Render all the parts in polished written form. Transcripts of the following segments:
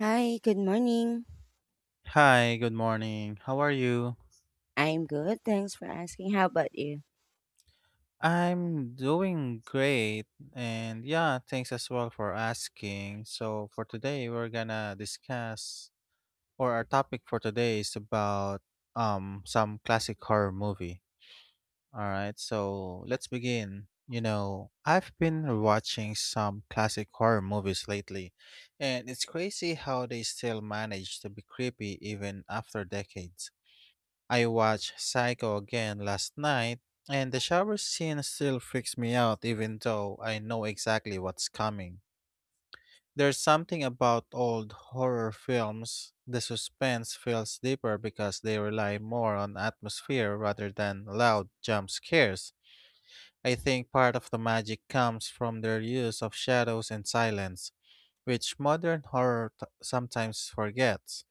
Hi, good morning. Hi, good morning. How are you? I'm good. Thanks for asking. How about you? I'm doing great. And yeah, thanks as well for asking. So, for today, we're gonna discuss, or our topic for today is about some classic horror movie. All right, so Yeah. let's begin. You know, I've been watching some classic horror movies lately, and it's crazy how they still manage to be creepy even after decades. I watched Psycho again last night, and the shower scene still freaks me out even though I know exactly what's coming. There's something about old horror films. The suspense feels deeper because they rely more on atmosphere rather than loud jump scares. I think part of the magic comes from their use of shadows and silence, which modern horror sometimes forgets.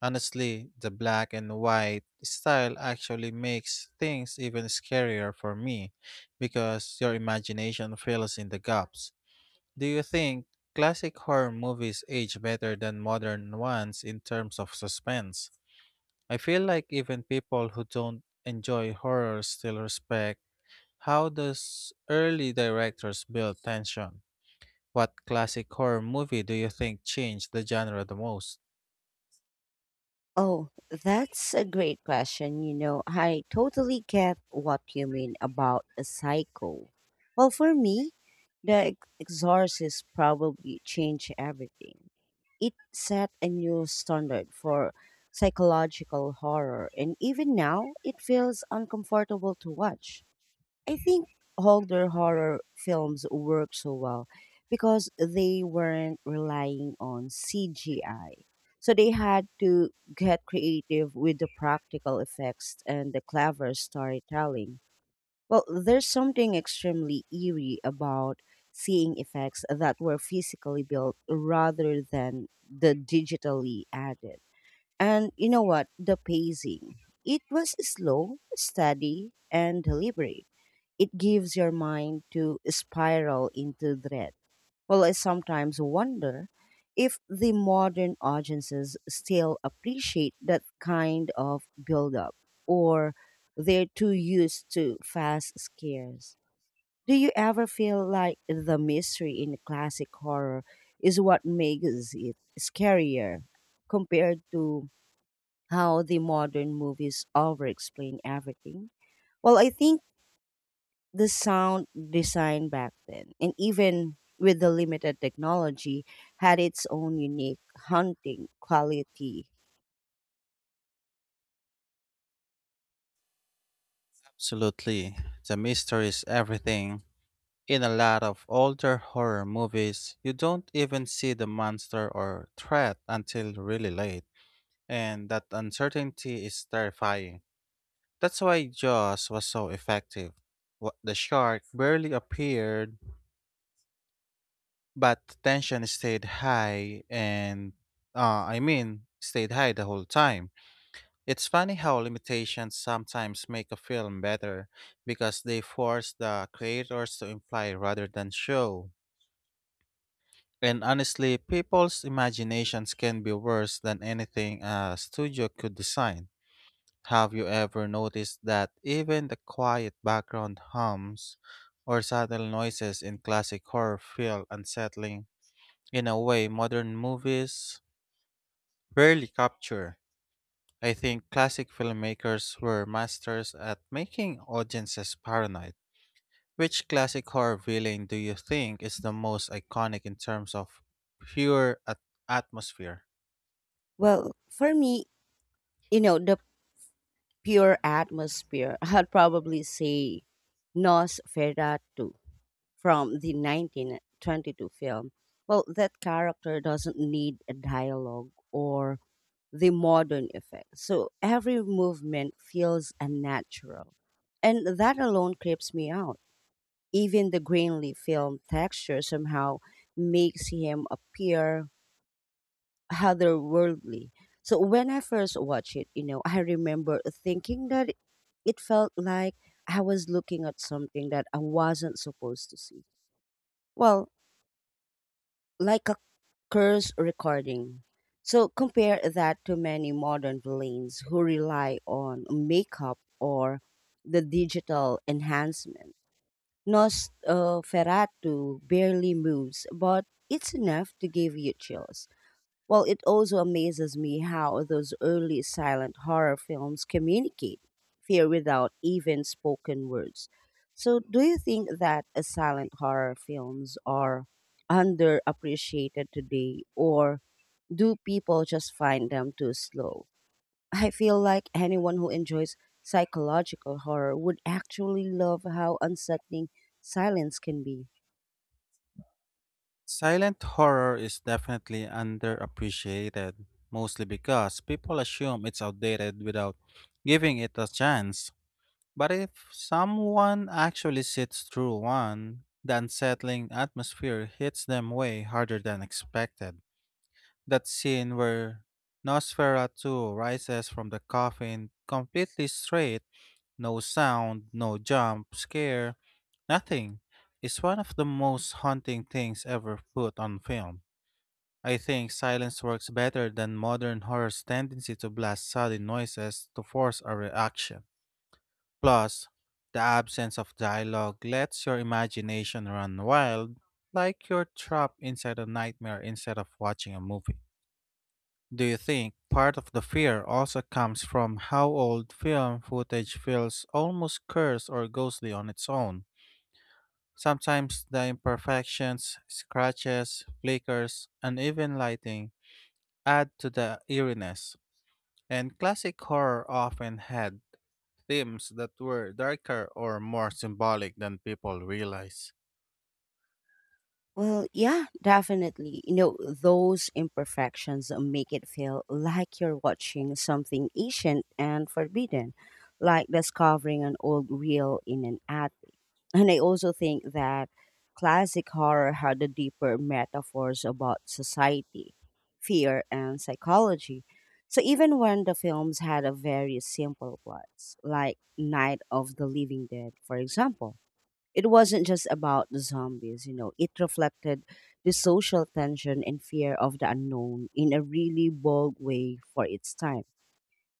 Honestly, the black and white style actually makes things even scarier for me because your imagination fills in the gaps. Do you think classic horror movies age better than modern ones in terms of suspense? I feel like even people who don't enjoy horror still respect how those early directors build tension. What classic horror movie do you think changed the genre the most? Oh, that's a great question. You know, I totally get what you mean about a cycle. Well, for me, the exorcist probably changed everything. It set a new standard for psychological horror, and even now, it feels uncomfortable to watch. I think older horror films work so well because they weren't relying on CGI. So they had to get creative with the practical effects and the clever storytelling. Well, there's something extremely eerie about seeing effects that were physically built rather than the digitally added. And you know what? The pacing. It was slow, steady, and deliberate. It gives your mind to spiral into dread. Well, I sometimes wonder if the modern audiences still appreciate that kind of build-up, or they're too used to fast scares. Do you ever feel like the mystery in classic horror is what makes it scarier compared to how the modern movies over explain everything? Well, I think the sound design back then, and even with the limited technology, had its own unique haunting quality. Absolutely. The mystery is everything. In a lot of older horror movies, you don't even see the monster or threat until really late, and that uncertainty is terrifying. That's why Jaws was so effective. The shark barely appeared, but the tension stayed high, and I mean, stayed high the whole time. It's funny how limitations sometimes make a film better because they force the creators to imply rather than show. And honestly, people's imaginations can be worse than anything a studio could design. Have you ever noticed that even the quiet background hums or subtle noises in classic horror feel unsettling in a way modern movies rarely capture? I think classic filmmakers were masters at making audiences paranoid. Which classic horror villain do you think is the most iconic in terms of pure atmosphere? Well, for me, you know, the pure atmosphere, I'd probably say Nosferatu from the 1922 film. Well, that character doesn't need a dialogue or the modern effects, so every movement feels unnatural. And that alone creeps me out. Even the grain leaf film texture somehow makes him appear otherworldly. So when I first watched it, you know, I remember thinking that it felt like I was looking at something that I wasn't supposed to see. Well, like a curse recording. So compare that to many modern villains who rely on makeup or the digital enhancement. Nosferatu barely moves, but it's enough to give you chills. Well, it also amazes me how those early silent horror films communicate fear without even spoken words. So, do you think that silent horror films are underappreciated today, or do people just find them too slow? I feel like anyone who enjoys psychological horror would actually love how unsettling silence can be. Silent horror is definitely underappreciated, mostly because people assume it's outdated without giving it a chance. But if someone actually sits through one, the unsettling atmosphere hits them way harder than expected. That scene where Nosferatu rises from the coffin completely straight, no sound, no jump, scare, nothing, is one of the most haunting things ever put on film. I think silence works better than modern horror's tendency to blast sudden noises to force a reaction. Plus, the absence of dialogue lets your imagination run wild, like you're trapped inside a nightmare instead of watching a movie. Do you think part of the fear also comes from how old film footage feels almost cursed or ghostly on its own? Sometimes the imperfections, scratches, flickers, uneven lighting add to the eeriness, and classic horror often had themes that were darker or more symbolic than people realize. Well, yeah, definitely. You know, those imperfections make it feel like you're watching something ancient and forbidden, like discovering an old reel in an attic. And I also think that classic horror had the deeper metaphors about society, fear, and psychology. So even when the films had a very simple plots, like Night of the Living Dead, for example, it wasn't just about the zombies, you know, it reflected the social tension and fear of the unknown in a really bold way for its time.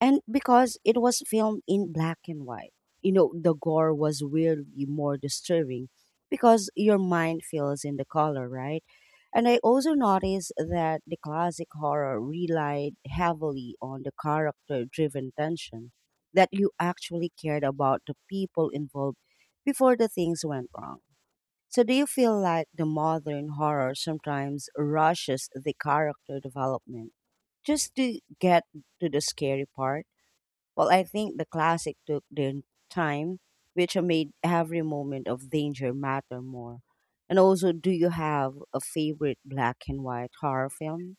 And because it was filmed in black and white, you know, the gore was weirdly more disturbing because your mind feels in the color, right? And I also noticed that the classic horror relied heavily on the character driven tension that you actually cared about the people involved before the things went wrong. So, do you feel like the modern horror sometimes rushes the character development just to get to the scary part? Well, I think the classic took their time, which made every moment of danger matter more. And also, do you have a favorite black and white horror film?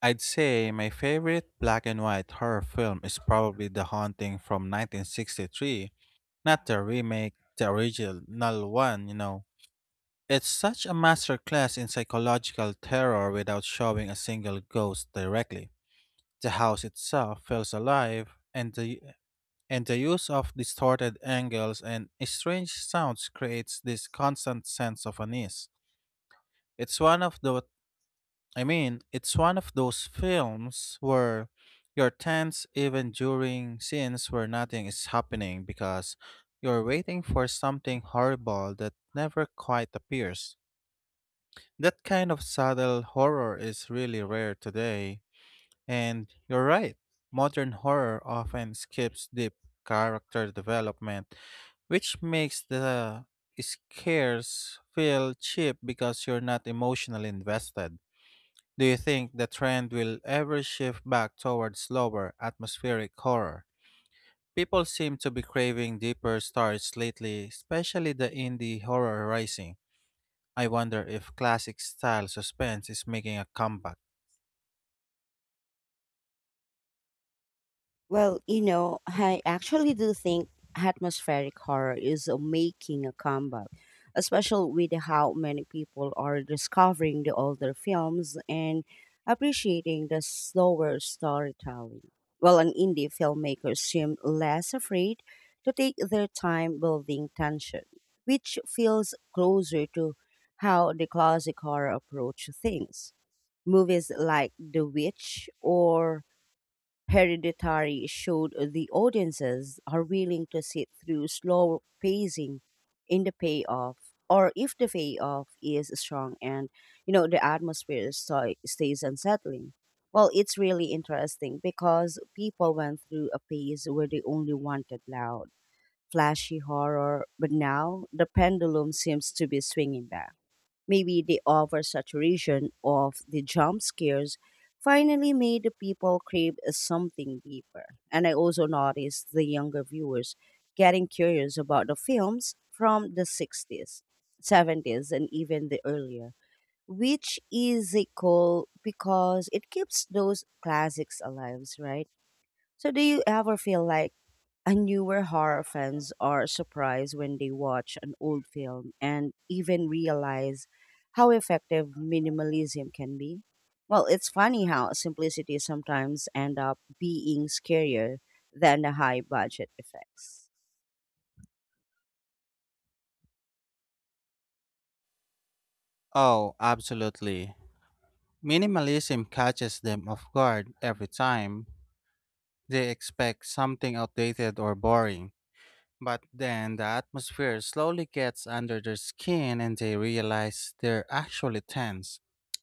I'd say my favorite black and white horror film is probably The Haunting from 1963, not the remake, the original one. It's such a masterclass in psychological terror without showing a single ghost directly. The house itself feels alive, and the use of distorted angles and strange sounds creates this constant sense of unease. It's one of the I mean, it's one of those films where you're tense even during scenes where nothing is happening because you're waiting for something horrible that never quite appears. That kind of subtle horror is really rare today, and you're right, modern horror often skips deep character development, which makes the scares feel cheap because you're not emotionally invested. Do you think the trend will ever shift back towards slower, atmospheric horror? People seem to be craving deeper stories lately, especially the indie horror rising. I wonder if classic style suspense is making a comeback. Well, you know, I actually do think atmospheric horror is making a comeback, especially with how many people are discovering the older films and appreciating the slower storytelling. Well, an indie filmmakers seem less afraid to take their time building tension, which feels closer to how the classic horror approach things. Movies like The Witch or Hereditary showed the audiences are willing to sit through slow pacing in the payoff, or if the payoff is strong and you know the atmosphere stays unsettling. Well, it's really interesting because people went through a phase where they only wanted loud, flashy horror, but now the pendulum seems to be swinging back. Maybe the oversaturation of the jump scares finally made the people crave something deeper. And I also noticed the younger viewers getting curious about the films from the 60s, 70s, and even the earlier, which is a cool because it keeps those classics alive, right? So do you ever feel like and newer horror fans are surprised when they watch an old film and even realize how effective minimalism can be? Well, it's funny how simplicity sometimes end up being scarier than the high budget effects. Oh, absolutely. Minimalism catches them off guard every time. They expect something outdated or boring, but then the atmosphere slowly gets under their skin and they realize they're actually tense.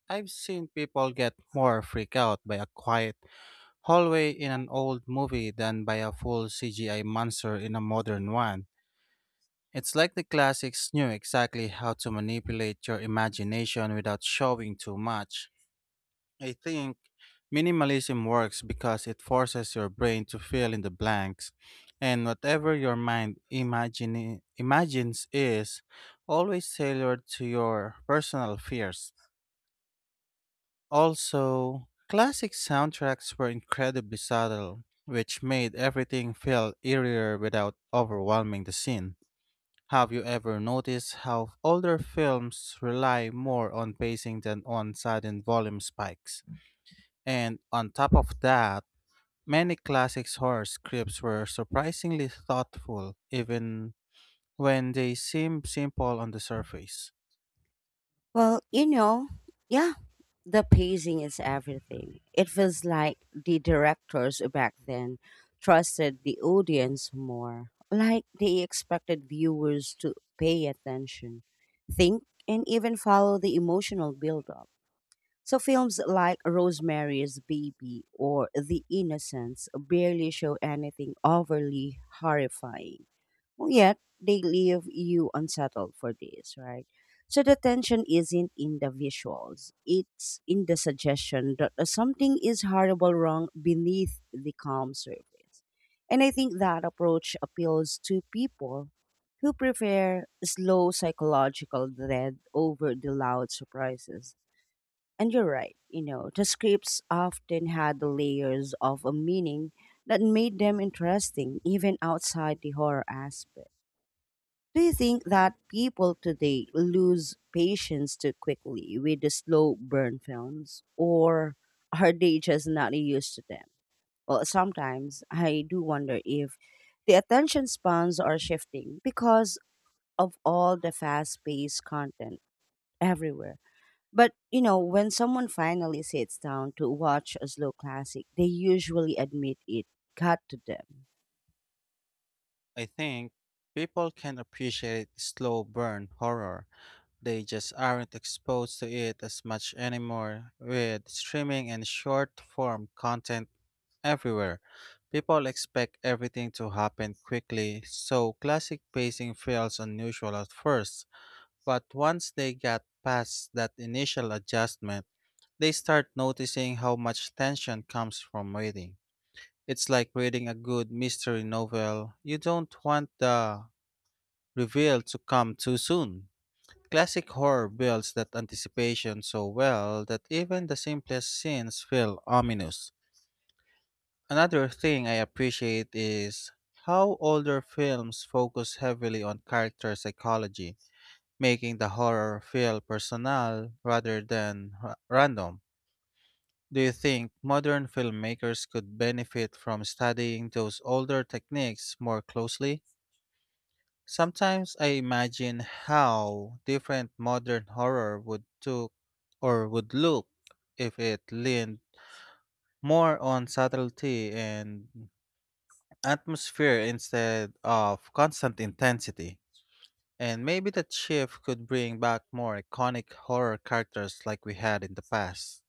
I've seen people get more freaked out by a quiet hallway in an old movie than by a full CGI monster in a modern one. It's like the classics knew exactly how to manipulate your imagination without showing too much. I think minimalism works because it forces your brain to fill in the blanks, and whatever your mind imagines is always tailored to your personal fears. Also, classic soundtracks were incredibly subtle, which made everything feel eerier without overwhelming the scene. Have you ever noticed how older films rely more on pacing than on sudden volume spikes? And on top of that, many classic horror scripts were surprisingly thoughtful, even when they seem simple on the surface. Well, you know, yeah, the pacing is everything. It feels like the directors back then trusted the audience more, like they expected viewers to pay attention, think, and even follow the emotional build-up. So films like Rosemary's Baby or The Innocents barely show anything overly horrifying. Well, yet they leave you unsettled for days, right? So the tension isn't in the visuals. It's in the suggestion that something is horrible wrong beneath the calm surface. And I think that approach appeals to people who prefer slow psychological dread over the loud surprises. And you're right, you know, the scripts often had the layers of a meaning that made them interesting even outside the horror aspect. Do you think that people today lose patience too quickly with the slow burn films, or are they just not used to them? Well, sometimes I do wonder if the attention spans are shifting because of all the fast paced content everywhere, but you know, when someone finally sits down to watch a slow classic, they usually admit it got to them. I think people can appreciate slow burn horror. They just aren't exposed to it as much anymore with streaming and short form content everywhere. People expect everything to happen quickly, so classic pacing feels unusual at first. But once they get past that initial adjustment, they start noticing how much tension comes from waiting. It's like reading a good mystery novel. You don't want the reveal to come too soon. Classic horror builds that anticipation so well that even the simplest scenes feel ominous. Another thing I appreciate is how older films focus heavily on character psychology, making the horror feel personal rather than random. Do you think modern filmmakers could benefit from studying those older techniques more closely? Sometimes I imagine how different modern horror would took or would look if it leaned more on subtlety and atmosphere instead of constant intensity. And maybe that shift could bring back more iconic horror characters like we had in the past.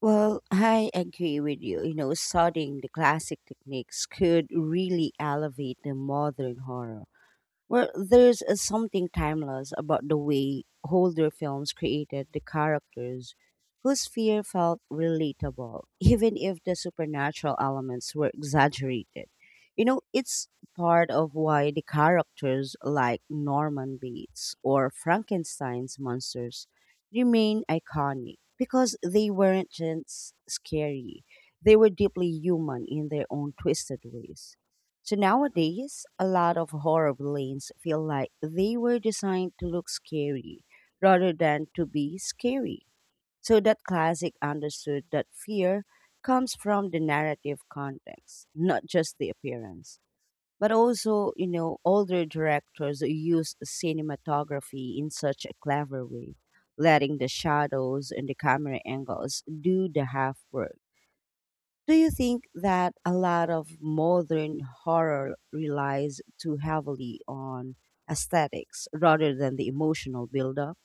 Well, I agree with you. You know, studying the classic techniques could really elevate the modern horror. Well, there's a something timeless about the way older films created the characters whose fear felt relatable, even if the supernatural elements were exaggerated. You know, it's part of why the characters like Norman Bates or Frankenstein's monsters remain iconic because they weren't just scary, they were deeply human in their own twisted ways. So nowadays, a lot of horror villains feel like they were designed to look scary rather than to be scary. So that classic understood that fear comes from the narrative context, not just the appearance. But also, you know, older directors use cinematography in such a clever way, letting the shadows and the camera angles do the half work. Do you think that a lot of modern horror relies too heavily on aesthetics rather than the emotional buildup?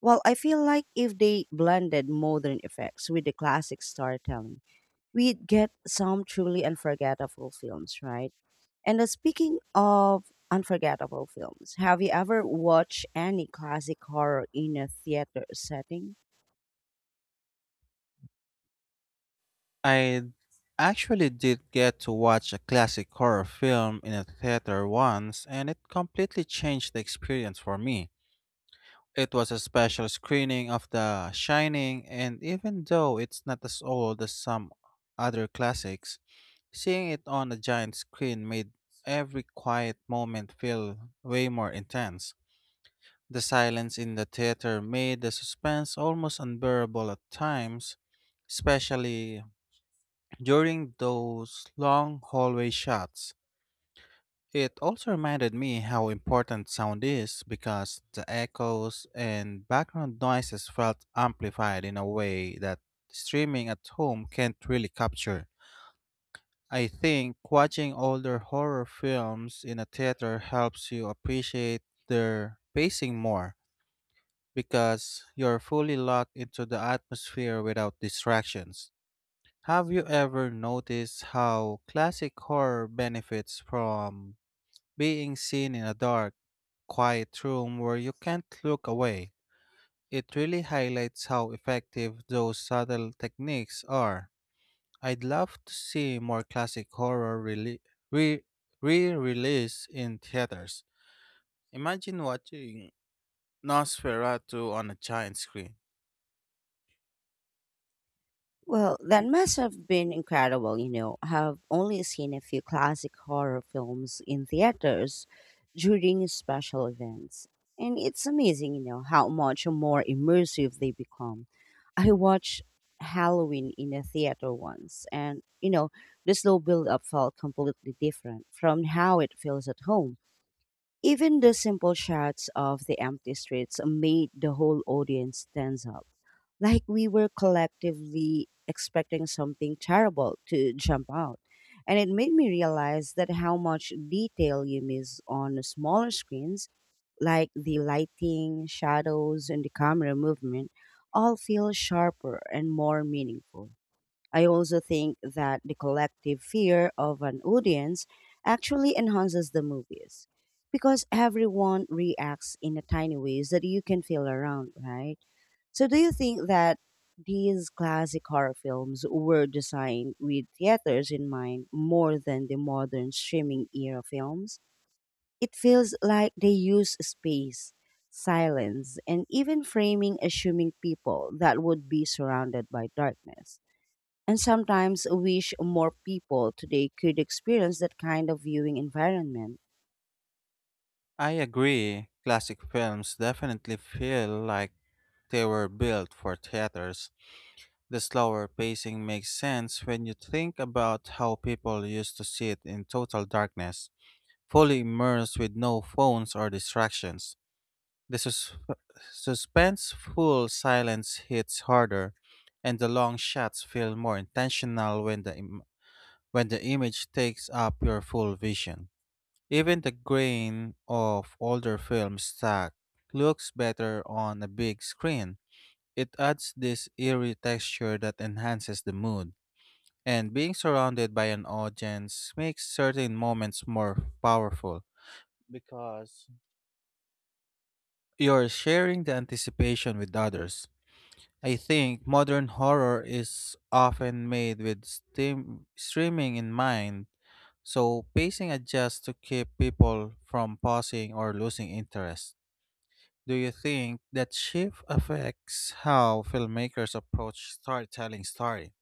Well, I feel like if they blended modern effects with the classic storytelling, we'd get some truly unforgettable films, right? And speaking of unforgettable films, have you ever watched any classic horror in a theater setting? I actually did get to watch a classic horror film in a theater once, and it completely changed the experience for me. It was a special screening of The Shining, and even though it's not as old as some other classics, seeing it on a giant screen made every quiet moment feel way more intense. The silence in the theater made the suspense almost unbearable at times, especially during those long hallway shots. It also reminded me how important sound is because the echoes and background noises felt amplified in a way that streaming at home can't really capture. I think watching older horror films in a theater helps you appreciate their pacing more because you're fully locked into the atmosphere without distractions. Have you ever noticed how classic horror benefits from being seen in a dark, quiet room where you can't look away? It really highlights how effective those subtle techniques are. I'd love to see more classic horror rele- re re-release in theaters. Imagine watching Nosferatu on a giant screen. Well, that must have been incredible, you know. I've only seen a few classic horror films in theaters during special events. And it's amazing, you know, how much more immersive they become. I watched Halloween in a theater once, and, you know, the slow build up felt completely different from how it feels at home. Even the simple shots of the empty streets made the whole audience tense up like we were collectively expecting something terrible to jump out. And it made me realize that how much detail you miss on smaller screens, like the lighting, shadows, and the camera movement, all feel sharper and more meaningful. I also think that the collective fear of an audience actually enhances the movies because everyone reacts in a tiny ways that you can feel around, right? So, do you think that these classic horror films were designed with theaters in mind more than the modern streaming era films? It feels like they use space, silence, and even framing, assuming people that would be surrounded by darkness. And sometimes wish more people today could experience that kind of viewing environment. I agree. Classic films definitely feel like they were built for theaters. The slower pacing makes sense when you think about how people used to sit in total darkness, fully immersed with no phones or distractions. The suspenseful silence hits harder, and the long shots feel more intentional when the image takes up your full vision. Even the grain of older film stock looks better on a big screen. It adds this eerie texture that enhances the mood, and being surrounded by an audience makes certain moments more powerful because you're sharing the anticipation with others. I think modern horror is often made with streaming in mind, so pacing adjusts to keep people from pausing or losing interest. Do you think that shift affects how filmmakers approach storytelling story?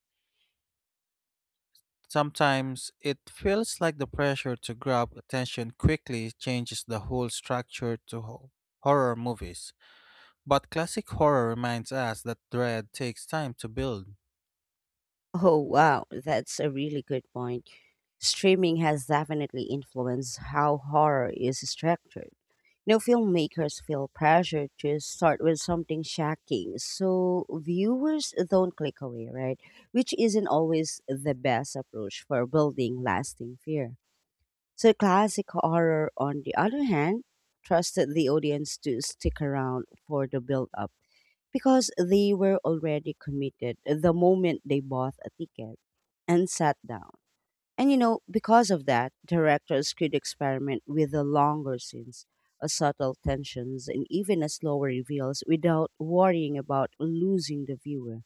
Sometimes it feels like the pressure to grab attention quickly changes the whole structure to horror movies. But classic horror reminds us that dread takes time to build. Oh, wow, that's a really good point. Streaming has definitely influenced how horror is structured. You know, filmmakers feel pressure to start with something shocking, so viewers don't click away, right? Which isn't always the best approach for building lasting fear. So, classic horror, on the other hand, trusted the audience to stick around for the build up because they were already committed the moment they bought a ticket and sat down. And you know, because of that, directors could experiment with the longer scenes, a subtle tensions, and even a slower reveals without worrying about losing the viewer.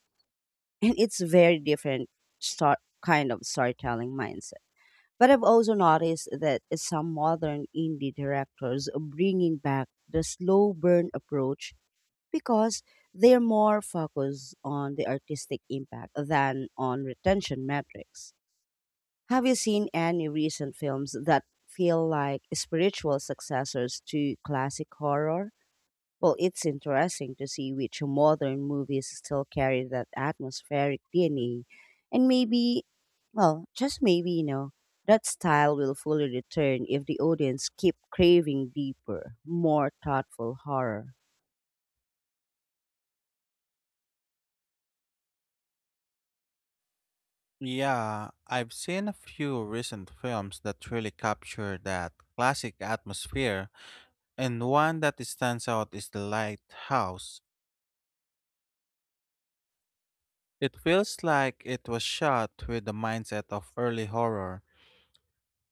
And it's very different start kind of storytelling mindset. But I've also noticed that some modern indie directors are bringing back the slow burn approach because they're more focused on the artistic impact than on retention metrics. Have you seen any recent films that feel like spiritual successors to classic horror? Well, it's interesting to see which modern movies still carry that atmospheric DNA. And maybe, well, just maybe, you know, that style will fully return if the audience keep craving deeper, more thoughtful horror. Yeah, I've seen a few recent films that really capture that classic atmosphere, and one that stands out is The Lighthouse. It feels like it was shot with the mindset of early horror,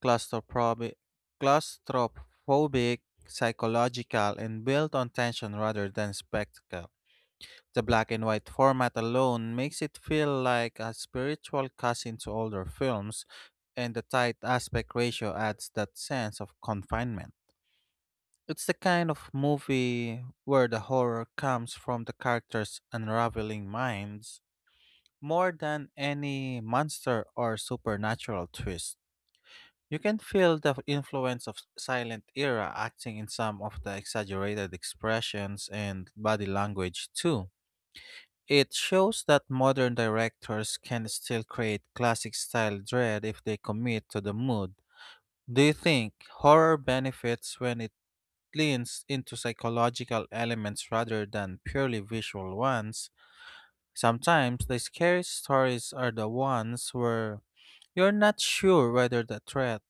claustrophobic, claustrophobic, psychological, and built on tension rather than spectacle. The black and white format alone makes it feel like a spiritual cousin to older films, and the tight aspect ratio adds that sense of confinement. It's the kind of movie where the horror comes from the characters' unraveling minds more than any monster or supernatural twist. You can feel the influence of silent era acting in some of the exaggerated expressions and body language too. It shows that modern directors can still create classic style dread if they commit to the mood. Do you think horror benefits when it leans into psychological elements rather than purely visual ones? Sometimes the scariest stories are the ones where you're not sure whether the threat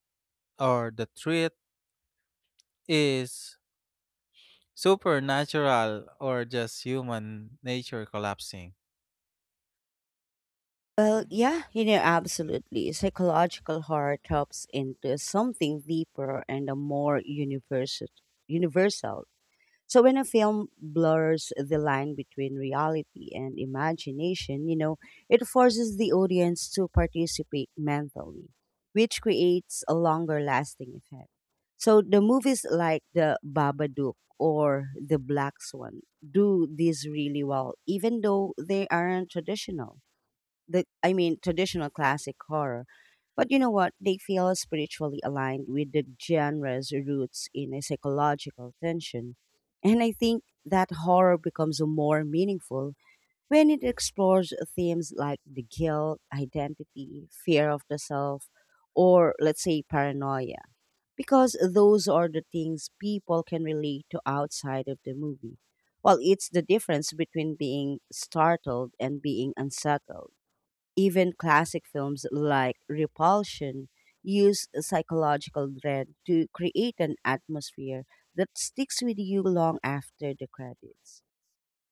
or the threat is supernatural or just human nature collapsing. Well, yeah, you know, absolutely. Psychological horror taps into something deeper and a more universal. Universal. So when a film blurs the line between reality and imagination, you know, it forces the audience to participate mentally, which creates a longer lasting effect. So the movies like The Babadook or The Black Swan do this really well, even though they aren't traditional the I mean traditional classic horror. But you know what? They feel spiritually aligned with the genre's roots in a psychological tension. And I think that horror becomes more meaningful when it explores themes like the guilt, identity, fear of the self, or let's say paranoia. Because those are the things people can relate to outside of the movie. Well, it's the difference between being startled and being unsettled. Even classic films like Repulsion use a psychological dread to create an atmosphere that sticks with you long after the credits.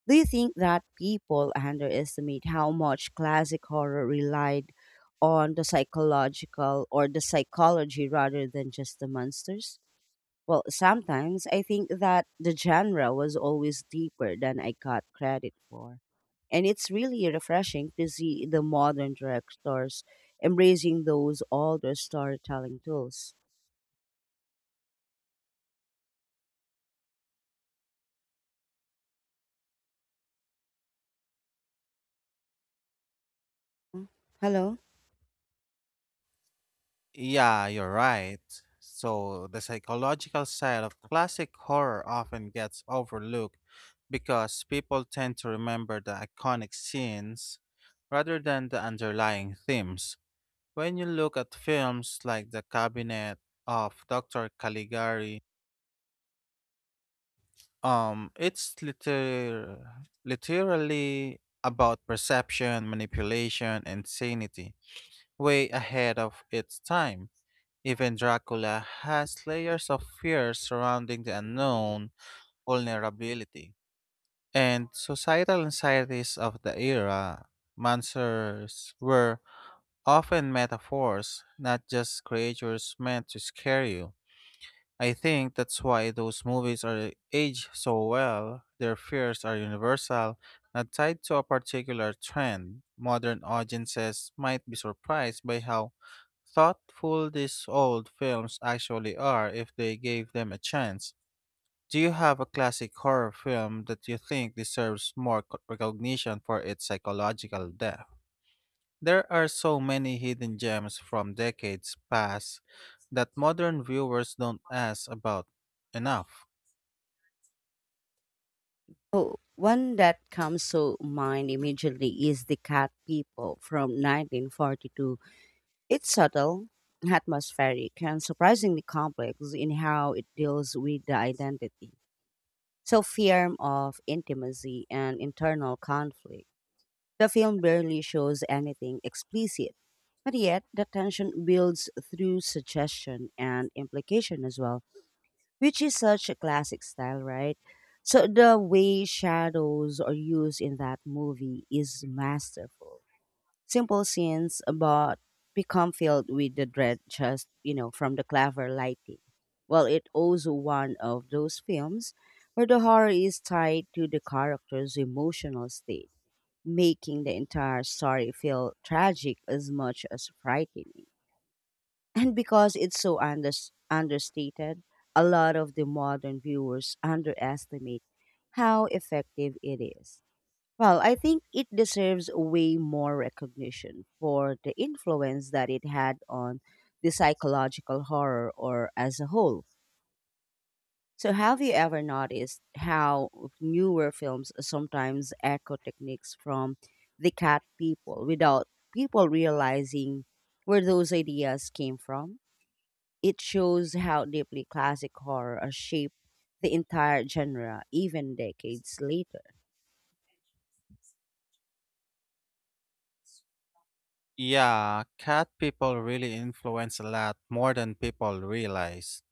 Do you think that people underestimate how much classic horror relied on the psychological, or the psychology rather than just the monsters? Well, sometimes I think that the genre was always deeper than I got credit for. And it's really refreshing to see the modern directors embracing those older storytelling tools. Hello? Yeah, you're right. So, the psychological side of classic horror often gets overlooked because people tend to remember the iconic scenes rather than the underlying themes. When you look at films like The Cabinet of Dr. Caligari, it's literally about perception, manipulation, and sanity, way ahead of its time. Even Dracula has layers of fear surrounding the unknown, vulnerability, and societal anxieties of the era. Monsters were often metaphors, not just creatures meant to scare you. I think that's why those movies are aged so well. Their fears are universal, not tied to a particular trend. Modern audiences might be surprised by how thoughtful these old films actually are if they gave them a chance. Do you have a classic horror film that you think deserves more recognition for its psychological depth? There are so many hidden gems from decades past that modern viewers don't ask about enough. Oh, one that comes to mind immediately is The Cat People from 1942. It's subtle, atmospheric, and surprisingly complex in how it deals with the identity. So fear of intimacy and internal conflict. The film barely shows anything explicit, but yet the tension builds through suggestion and implication as well, which is such a classic style, right? So the way shadows are used in that movie is masterful. Simple scenes but become filled with the dread just, you know, from the clever lighting. Well, it also one of those films where the horror is tied to the character's emotional state, making the entire story feel tragic as much as frightening. And because it's so understated, a lot of the modern viewers underestimate how effective it is. Well, I think it deserves way more recognition for the influence that it had on the psychological horror or as a whole. So, have you ever noticed how newer films sometimes echo techniques from the cat people without people realizing where those ideas came from? It shows how deeply classic horror has shaped the entire genre, even decades later. Yeah, Cat People really influence a lot more than people realize.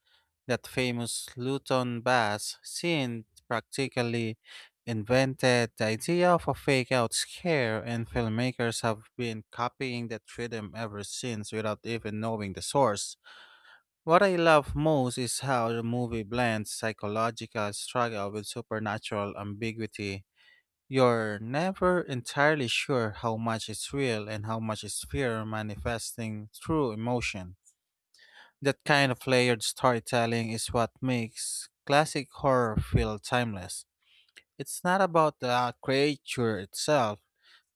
That famous Luton bass scene practically invented the idea of a fake out scare, and filmmakers have been copying that rhythm ever since without even knowing the source. What I love most is how the movie blends psychological struggle with supernatural ambiguity. You're never entirely sure how much is real and how much is fear manifesting through emotion. That kind of layered storytelling is what makes classic horror feel timeless. It's not about the creature itself,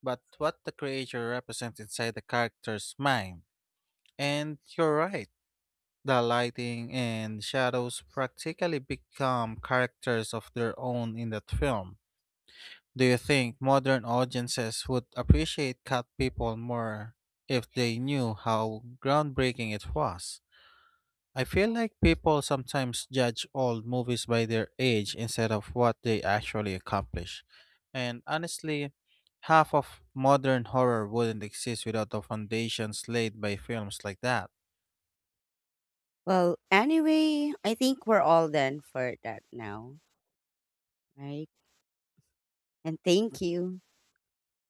but what the creature represents inside the character's mind. And you're right. The lighting and shadows practically become characters of their own in that film. Do you think modern audiences would appreciate Cat People more if they knew how groundbreaking it was? I feel like people sometimes judge old movies by their age instead of what they actually accomplish. And honestly, half of modern horror wouldn't exist without the foundations laid by films like that. Well, anyway, I think we're all done for that now, right? And thank you.